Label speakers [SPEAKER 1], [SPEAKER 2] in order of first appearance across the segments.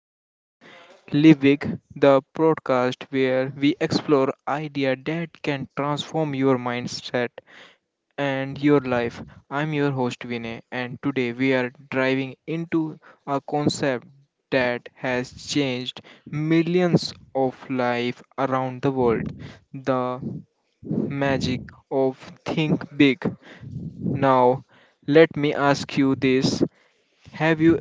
[SPEAKER 1] Think Big, Live Big, the podcast where we explore ideas that can transform your mindset and your life. I'm your host Vinay, and today we are driving into a concept that has changed millions of lives around the world: the magic of think big. Now, let me ask you this. Have you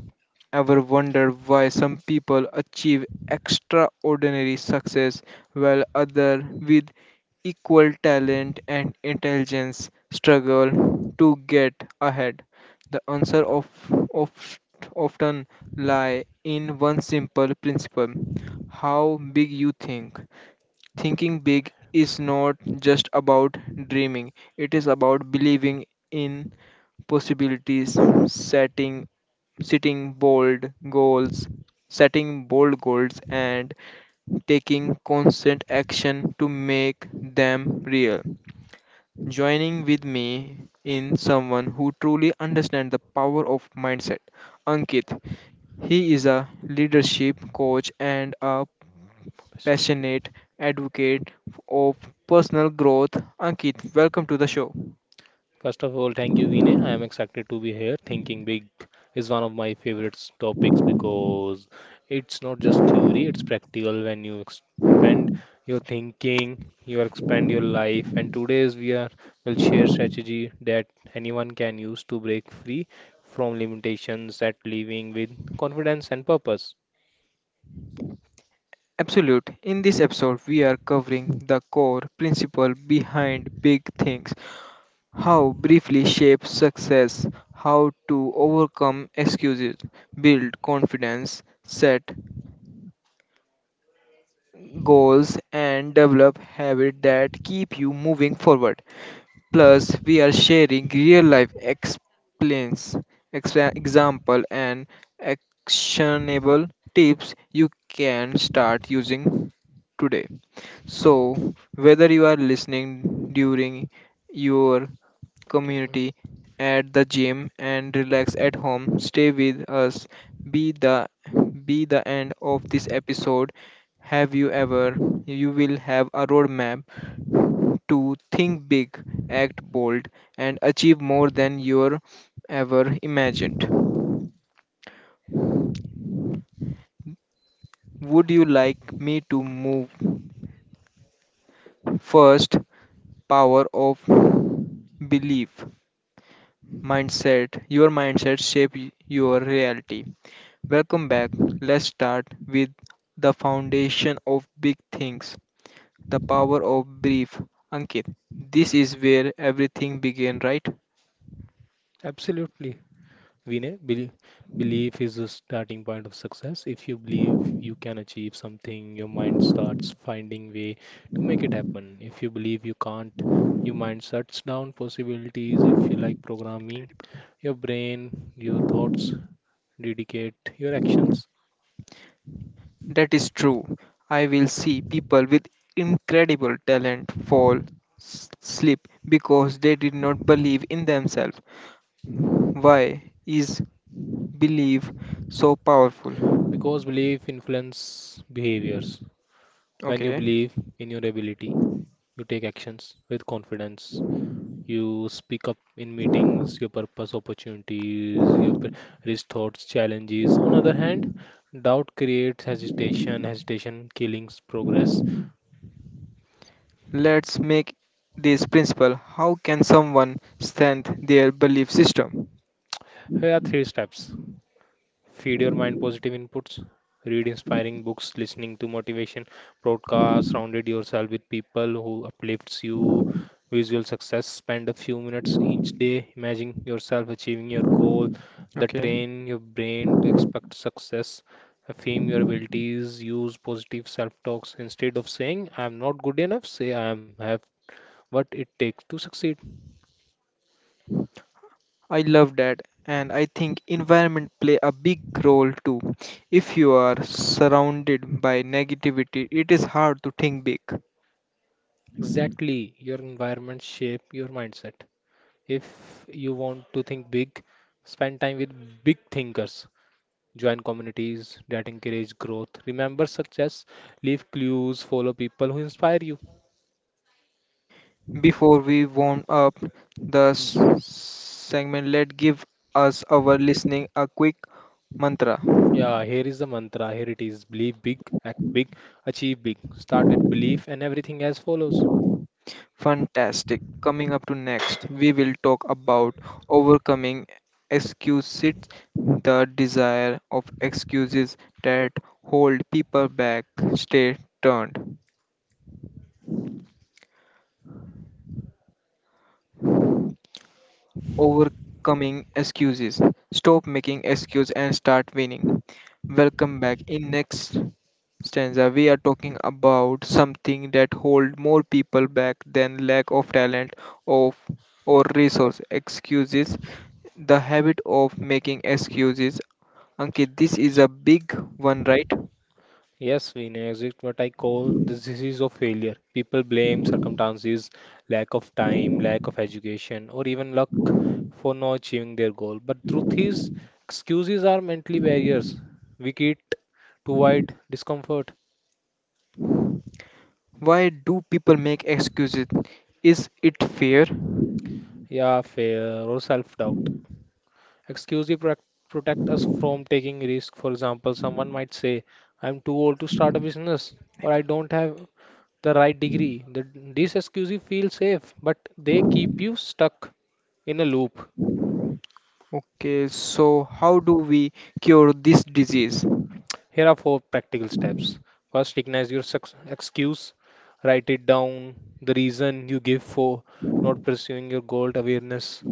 [SPEAKER 1] Ever wondered why some people achieve extraordinary success while others with equal talent and intelligence struggle to get ahead? The answer of, often lie in one simple principle, how big you think. Thinking big is not just about dreaming, it is about believing in possibilities, setting setting bold goals, setting bold goals, and taking constant action to make them real. Joining with me in someone who truly understands the power of mindset, Ankit. He is a leadership coach and a
[SPEAKER 2] Fascinated.
[SPEAKER 1] passionate advocate of personal growth. Ankit, welcome to the show.
[SPEAKER 2] First of all, thank you, Vinay. I am excited to be here. Thinking big is one of my favorite topics because it's not just theory, it's practical. When you expand your thinking, you expand your life. And today's we are will share strategy that anyone can use to break free from limitations at living with confidence and purpose.
[SPEAKER 1] Absolute. In this episode, we are covering the core principle behind big things, how briefly shape success, how to overcome excuses, build confidence, set goals, and develop habits that keep you moving forward. Plus, we are sharing real life explains, example, and actionable tips you can start using today. So, whether you are listening during your community at the gym and relax at home, stay with us. Be the be the end of this episode. Have you ever? You will have a roadmap to think big, act bold, and achieve more than you ever imagined. Would you like me to move first? Power of belief. Mindset, your mindset shape y- your reality. Welcome back. Let's start with the foundation of big things, the power of brief. Ankit, this is where everything began, right?
[SPEAKER 2] Absolutely. Vinay, belief is the starting point of success. If you believe you can achieve something, your mind starts finding way to make it happen. If you believe you can't, your mind shuts down possibilities. If you like programming, your brain, your thoughts dedicate your actions.
[SPEAKER 1] That is true. I will see people with incredible talent fall, slip, because they did not believe in themselves. Why is belief so powerful?
[SPEAKER 2] Because belief influence behaviors. When you
[SPEAKER 1] Okay.
[SPEAKER 2] believe in your ability, you take actions with confidence. You speak up in meetings, your purpose, opportunities, your risk thoughts, challenges. On other hand, doubt creates hesitation, hesitation killings progress.
[SPEAKER 1] Let's make this principle. How can someone strengthen their belief system?
[SPEAKER 2] Here are three steps. Feed your mind positive inputs, read inspiring books, listening to motivation broadcasts, surrounded yourself with people who uplifts you. Visual success, spend a few minutes each day imagining yourself achieving your goal that
[SPEAKER 1] Okay,
[SPEAKER 2] train your brain to expect success. Affirm your abilities, use positive self talks. Instead of saying I am not good enough, say I am have what it takes to succeed.
[SPEAKER 1] I love that, and I think environment play a big role too. If you are surrounded by negativity, it is hard to think big.
[SPEAKER 2] Exactly, your environment shape your mindset. If you want to think big, spend time with big thinkers. Join communities that encourage growth. Remember success, leave clues, follow people who inspire you.
[SPEAKER 1] Before we warm up the segment, let give us our listening a quick mantra.
[SPEAKER 2] Yeah, here is the mantra. Here it is. Believe big, act big, achieve big. Start with belief and everything else follows.
[SPEAKER 1] Fantastic. Coming up to next, we will talk about overcoming excuses, the desire of excuses that hold people back. Stay turned. Overcoming excuses. Stop making excuses and start winning. Welcome back. In next stanza we are talking about something that hold more people back than lack of talent of or resource excuses, the habit of making excuses. Ankit, this is a big one, right?
[SPEAKER 2] Yes, Venus, it's what I call the disease of failure. People blame circumstances, lack of time, lack of education, or even luck for not achieving their goal. But truth is, excuses are mentally barriers we create to avoid discomfort,
[SPEAKER 1] Why do people make excuses? Is it fair?
[SPEAKER 2] yeah, fear, or self-doubt. Exclusive pro- Protect us from taking risk. For example, someone might say, I'm too old to start a business, or I don't have the right degree. These excuses feel safe, but they keep you stuck in a loop.
[SPEAKER 1] Okay, so how do we cure this disease?
[SPEAKER 2] Here are four practical steps. First, recognize your excuse. Write it down. The reason you give for not pursuing your goal awareness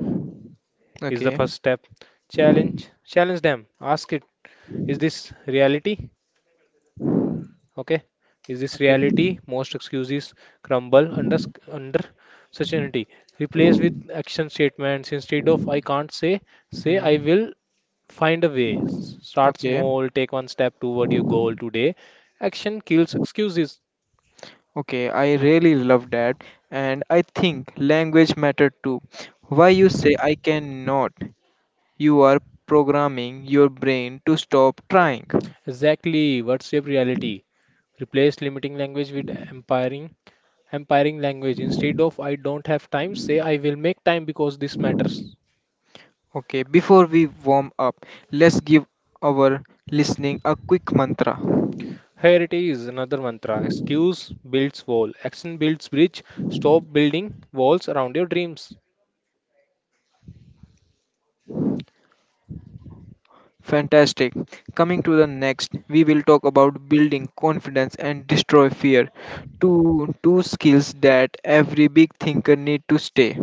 [SPEAKER 2] is the
[SPEAKER 1] Okay,
[SPEAKER 2] first step. Challenge. Challenge them. Ask it. Is this reality? Okay, is this
[SPEAKER 1] okay,
[SPEAKER 2] reality? Most excuses crumble under certainty. Replace with action statements. Instead of I can't say, say I
[SPEAKER 1] hmm,
[SPEAKER 2] will find a way. Start
[SPEAKER 1] okay,
[SPEAKER 2] small, take one step toward your goal today. Action kills excuses.
[SPEAKER 1] okay. I really love that, and I think language matter too. Why you say I cannot? You are programming your brain to stop trying.
[SPEAKER 2] Exactly, what's your reality? Replace limiting language with empowering language. Instead of I don't have time, say I will make time because this matters.
[SPEAKER 1] Okay, before we warm up, let's give our listening a quick mantra.
[SPEAKER 2] Here it is another mantra: excuse builds wall, action builds bridge, stop building walls around your dreams.
[SPEAKER 1] Fantastic. Coming to the next, we will talk about building confidence and destroy fear. Two skills that every big thinker need to stay.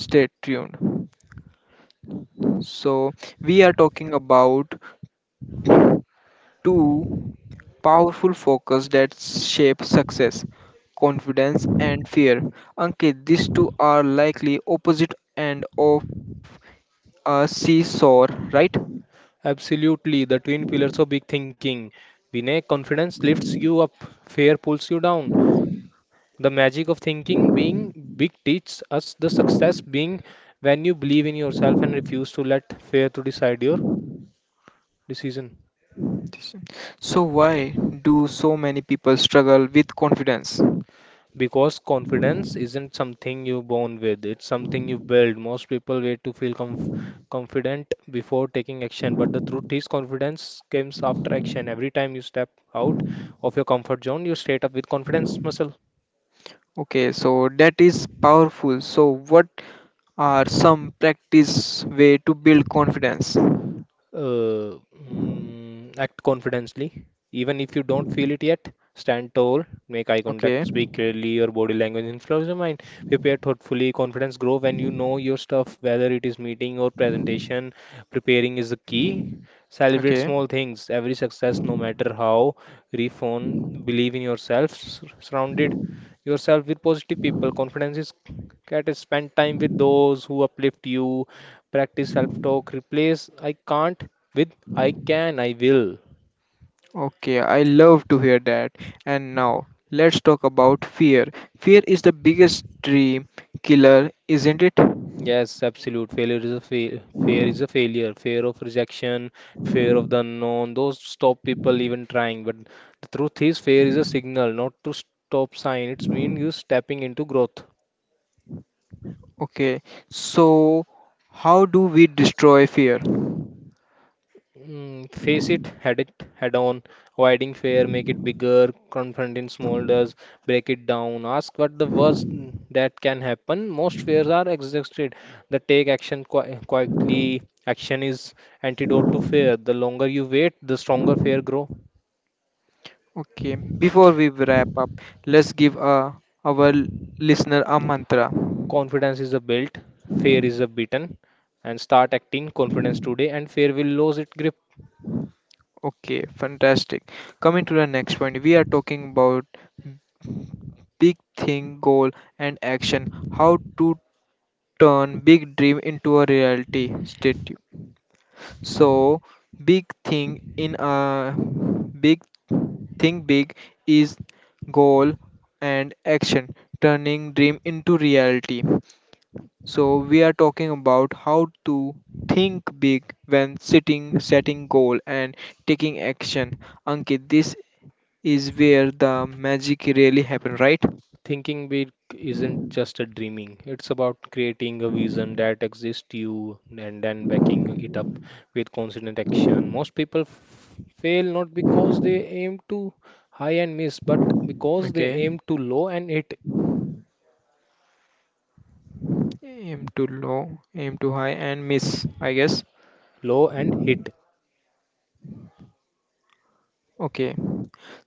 [SPEAKER 1] Stay tuned. So, we are talking about two powerful focus that shape success, confidence and fear. Ankit, these two are likely opposite end of a seesaw, right?
[SPEAKER 2] Absolutely, the twin pillars of big thinking. Vinay, confidence lifts you up, fear pulls you down. The magic of thinking being big teaches us the success being when you believe in yourself and refuse to let fear to decide your decision.
[SPEAKER 1] This- So why do so many people struggle with confidence?
[SPEAKER 2] Because confidence isn't something you're born with, it's something you build. Most people wait to feel comf confident before taking action, but the truth is, confidence comes after action. Every time you step out of your comfort zone, you straight up with confidence muscle.
[SPEAKER 1] Okay, so that is powerful. So what are some practice way to build confidence?
[SPEAKER 2] Uh, Act confidently, even if you don't feel it yet. Stand tall, make eye
[SPEAKER 1] Okay,
[SPEAKER 2] contact, speak clearly. Your body language influences your mind. Prepare thoughtfully. Confidence grow when you know your stuff, whether it is meeting or presentation. Preparing is the key. Celebrate
[SPEAKER 1] okay,
[SPEAKER 2] small things. Every success, no matter how. Refone. Believe in yourself. Surrounded yourself with positive people. Confidence is get spend time with those who uplift you. Practice self-talk. Replace I can't with I can, I will.
[SPEAKER 1] okay. I love to hear that. And now let's talk about fear. Fear is the biggest dream killer, isn't it?
[SPEAKER 2] Yes, absolute. Failure is a fail. Fear is a failure. Fear of rejection, fear of the unknown. Those stop people even trying. But the truth is, fear is a signal, not to stop sign. It's mean you stepping into growth.
[SPEAKER 1] Okay, so how do we destroy fear?
[SPEAKER 2] Face it, head on, avoiding fear, make it bigger. Confronting in does, break it down, ask what the worst that can happen. Most fears are exhausted. The take action quickly. Action is antidote to fear. The longer you wait, the stronger fear grow.
[SPEAKER 1] Okay, before we wrap up, let's give our listener a mantra.
[SPEAKER 2] Confidence is a built, fear is a beaten, and start acting confidence today, and fear will lose its grip.
[SPEAKER 1] Okay, fantastic. Coming to the next point, we are talking about big thing, goal, and action. How to turn big dream into a reality. Stay tuned. So, big thing in a big thing big is goal and action, turning dream into reality. So we are talking about how to think big when sitting, setting goal and taking action. Ankit, this is where the magic really happen, right?
[SPEAKER 2] Thinking big isn't just a dreaming. It's about creating a vision that exists you and then backing it up with consistent action. Most people fail not because they aim too high and miss, but because they
[SPEAKER 1] Okay.
[SPEAKER 2] aim too low and hit
[SPEAKER 1] Aim too low, aim too high and miss, I guess.
[SPEAKER 2] low and hit.
[SPEAKER 1] Okay.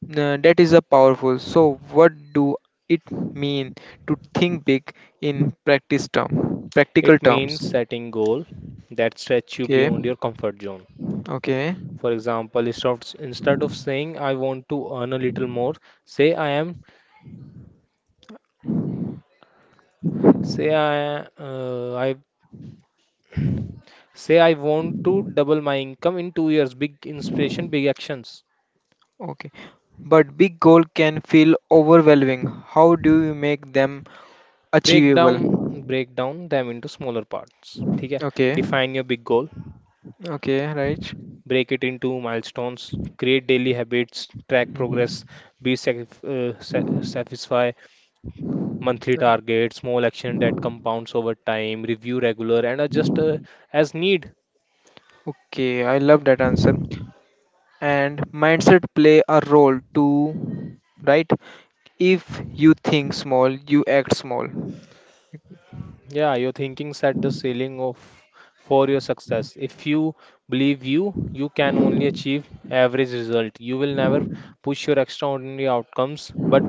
[SPEAKER 1] Now, that is a powerful. So what do it mean to think big in practice term, practical
[SPEAKER 2] It
[SPEAKER 1] terms?
[SPEAKER 2] means setting goal that stretch you
[SPEAKER 1] Okay.
[SPEAKER 2] beyond your comfort zone.
[SPEAKER 1] Okay.
[SPEAKER 2] For example, instead of saying I want to earn a little more, say I am say I Say I want to double my income in 2 years. Big inspiration, big actions.
[SPEAKER 1] Okay. But big goal can feel overwhelming. How do you make them
[SPEAKER 2] Break down,
[SPEAKER 1] achievable?
[SPEAKER 2] break down them into smaller parts. ठीक है?
[SPEAKER 1] Okay.
[SPEAKER 2] Define your big goal.
[SPEAKER 1] Okay, right.
[SPEAKER 2] Break it into milestones. Create daily habits. Track progress.
[SPEAKER 1] Hmm.
[SPEAKER 2] Satisfy monthly targets. Small action that compounds over time. Review regular and adjust as need.
[SPEAKER 1] Okay, I love that answer. And mindset play a role too, right? If you think small, you act small.
[SPEAKER 2] Yeah, your thinking set the ceiling of for your success. If you believe you, you can only achieve average result. You will never push your extraordinary outcomes. But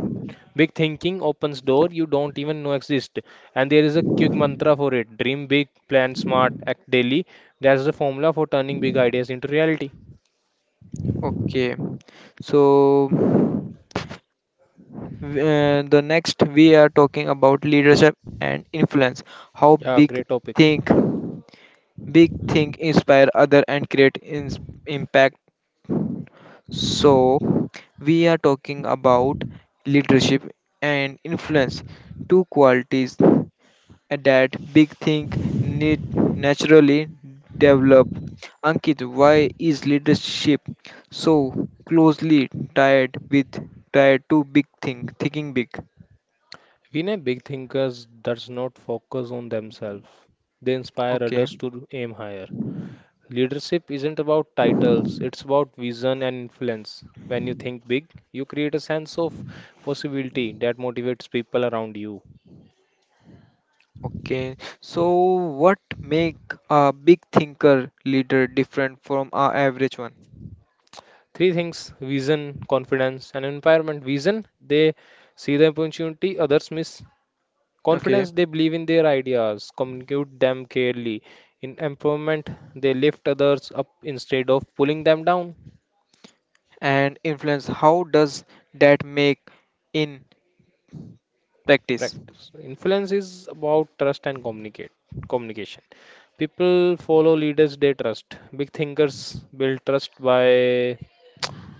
[SPEAKER 2] big thinking opens door you don't even know exist. And there is a quick mantra for it: dream big, plan smart, act daily. That's the formula for turning big ideas into reality.
[SPEAKER 1] Okay. So the next we are talking about leadership and influence. How
[SPEAKER 2] Yeah,
[SPEAKER 1] big
[SPEAKER 2] great topic.
[SPEAKER 1] think, big think inspire other and create impact. So we are talking about leadership and influence, two qualities that big think need naturally develop. Ankit, why is leadership so closely tied with tied to big think thinking big?
[SPEAKER 2] Vinay, big thinkers does not focus on themselves. They inspire
[SPEAKER 1] Okay.
[SPEAKER 2] others to aim higher. Leadership isn't about titles, it's about vision and influence. When you think big, you create a sense of possibility that motivates people around you.
[SPEAKER 1] Okay, so what make a big thinker leader different from a average one?
[SPEAKER 2] Three things: vision, confidence, and empowerment. Vision, they see the opportunity others miss.
[SPEAKER 1] Okay.
[SPEAKER 2] Confidence, they believe in their ideas, communicate them clearly. In empowerment, they lift others up instead of pulling them down.
[SPEAKER 1] And influence, how does that make in practice?
[SPEAKER 2] Practice. Influence is about trust and communicate communication. People follow leaders they trust. Big thinkers build trust by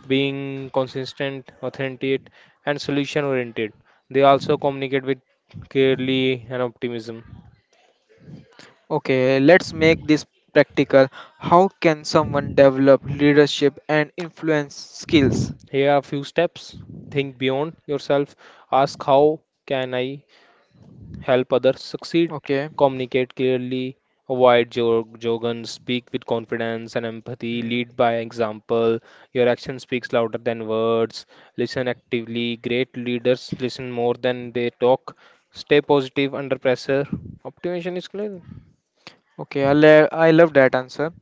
[SPEAKER 2] being consistent, authentic, and solution oriented. They also communicate with clearly and optimism.
[SPEAKER 1] Okay, let's make this practical. How can someone develop leadership and influence skills?
[SPEAKER 2] Here are a few steps. Think beyond yourself. Ask how can I help others succeed,
[SPEAKER 1] Okay.
[SPEAKER 2] communicate clearly, avoid jargon, speak with confidence and empathy,
[SPEAKER 1] Hmm.
[SPEAKER 2] lead by example. Your action speaks louder than words. Listen actively. Great leaders listen more than they talk. Stay positive under pressure. Optimization is clear.
[SPEAKER 1] Okay, I love that answer.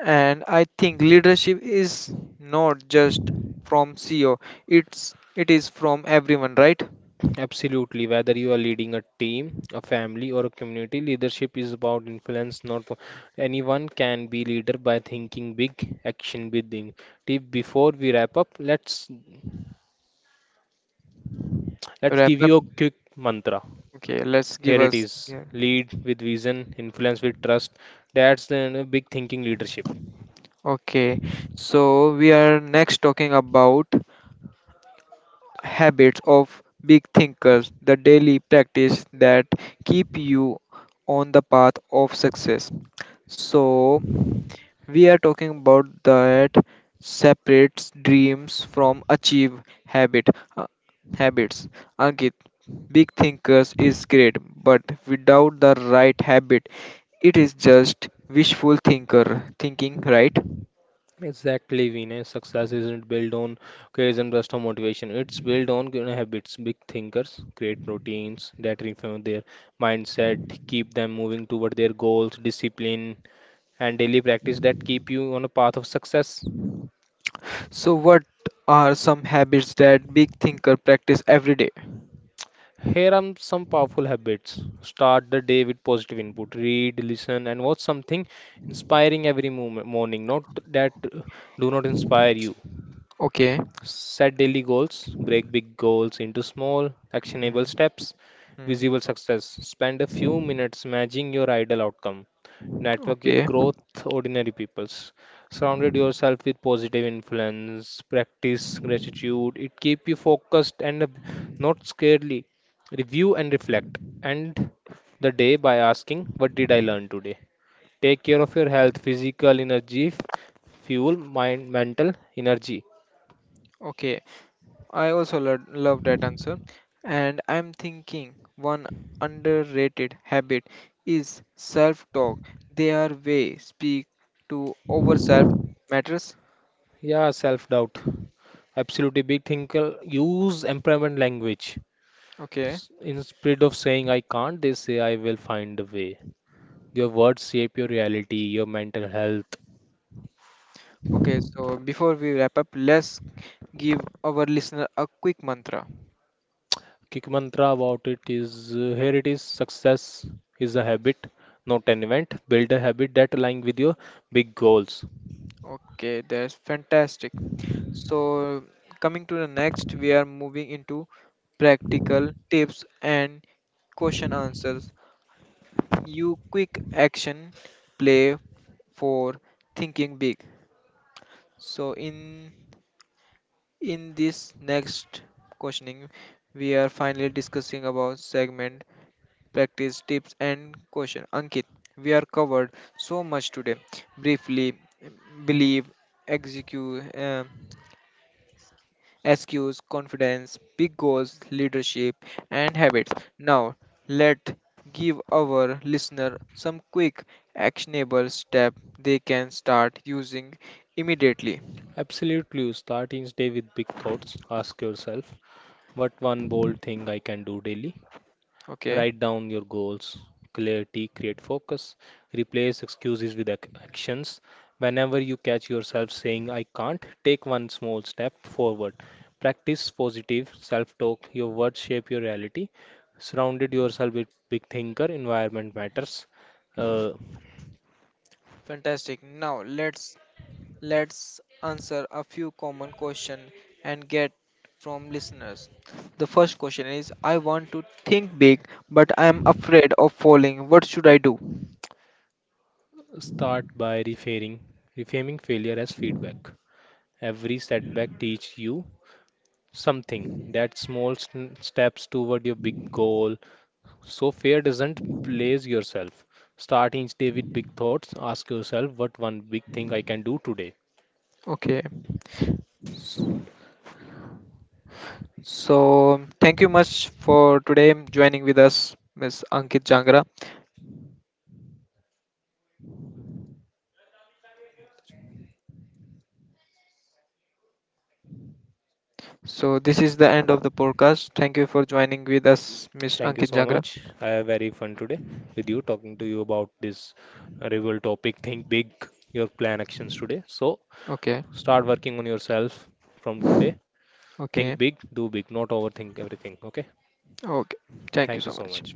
[SPEAKER 1] And I think leadership is not just from CEO. It is from everyone, right?
[SPEAKER 2] Absolutely. Whether you are leading a team, a family, or a community, leadership is about influence. Not po- Anyone can be leader by thinking big, action big. Tip before we wrap up, let's
[SPEAKER 1] Wrap
[SPEAKER 2] give
[SPEAKER 1] up.
[SPEAKER 2] you a quick mantra.
[SPEAKER 1] Okay, let's give
[SPEAKER 2] Here it
[SPEAKER 1] us,
[SPEAKER 2] is:
[SPEAKER 1] yeah.
[SPEAKER 2] lead with vision, influence with trust. That's the big thinking leadership.
[SPEAKER 1] Okay. So we are next talking about habits of big thinkers, the daily practice that keep you on the path of success. So, we are talking about that separates dreams from achieve habit, uh, habits. Ankit, big thinkers is great, but without the right habit, it is just wishful thinker thinking, right?
[SPEAKER 2] Exactly, Vinay. Success isn't built on occasion burst of motivation. It's built on, you know, habits. Big thinkers create routines that refine their mindset, keep them moving toward their goals, discipline, and daily practice that keep you on a path of success.
[SPEAKER 1] So, what are some habits that big thinker practice every day?
[SPEAKER 2] Here are some powerful habits. Start the day with positive input. Read, listen, and watch something inspiring every morning. Not that do not inspire you.
[SPEAKER 1] Okay.
[SPEAKER 2] Set daily goals, break big goals into small, actionable
[SPEAKER 1] Hmm,
[SPEAKER 2] steps.
[SPEAKER 1] hmm.
[SPEAKER 2] Visible success. Spend a few minutes imagining your ideal outcome. Network with
[SPEAKER 1] Okay,
[SPEAKER 2] growth ordinary peoples. Surrounded yourself with positive influence. Practice gratitude. It keep you focused and not scarcely. Review and reflect. End the day by asking, "What did I learn today?" Take care of your health, physical energy, fuel, mind, mental energy.
[SPEAKER 1] okay. I also love that answer. And I'm thinking one underrated habit is self talk. Their way speak to over self matters.
[SPEAKER 2] Yeah, self-doubt. Absolutely. Big thinker use employment language.
[SPEAKER 1] Okay,
[SPEAKER 2] Instead of saying I can't, they say I will find a way. Your words shape your reality, your mental health.
[SPEAKER 1] okay. So before we wrap up, let's give our listener a quick mantra.
[SPEAKER 2] Kick mantra about it is here it is: success is a habit, not an event. Build a habit that aligns with your big goals.
[SPEAKER 1] Okay, that's fantastic. So coming to the next, we are moving into practical tips and question answers, you quick action play for thinking big. So in this next questioning we are finally discussing about segment practice tips and question. Ankit, we are covered so much today, briefly, believe, execute SQs, confidence, big goals, leadership, and habits. Now, let give our listener some quick actionable step they can start using immediately.
[SPEAKER 2] Absolutely. Start each day with big thoughts. Ask yourself, what one bold thing I can do daily?
[SPEAKER 1] Okay,
[SPEAKER 2] Write down your goals. Clarity, create focus. Replace excuses with actions. Whenever you catch yourself saying, I can't, take one small step forward. Practice positive self talk. Your words shape your reality. Surrounded yourself with big thinker. Environment matters. Uh,
[SPEAKER 1] fantastic. Now let's answer a few common question and get from listeners. The first question is, I want to think big, but I am afraid of falling. What should I do?
[SPEAKER 2] Start by reframing failure as feedback. Every setback teach you something. That steps toward your big goal. So fear doesn't place yourself. Start each day with big thoughts. Ask yourself what one big thing I can do today.
[SPEAKER 1] Okay. So thank you much for today joining with us, Miss Ankit Jangra. So this is the end of the podcast. Thank you for joining with us, Miss
[SPEAKER 2] Thank you
[SPEAKER 1] Ankit
[SPEAKER 2] so
[SPEAKER 1] Jangra.
[SPEAKER 2] much. I have very fun today with you talking to you about this rival topic. Think big, your plan actions today. So
[SPEAKER 1] Okay.
[SPEAKER 2] start working on yourself from today. Think
[SPEAKER 1] Okay.
[SPEAKER 2] big, do big, not overthink everything. Okay.
[SPEAKER 1] Okay. Thank you
[SPEAKER 2] Thank you
[SPEAKER 1] so
[SPEAKER 2] so
[SPEAKER 1] much.
[SPEAKER 2] much.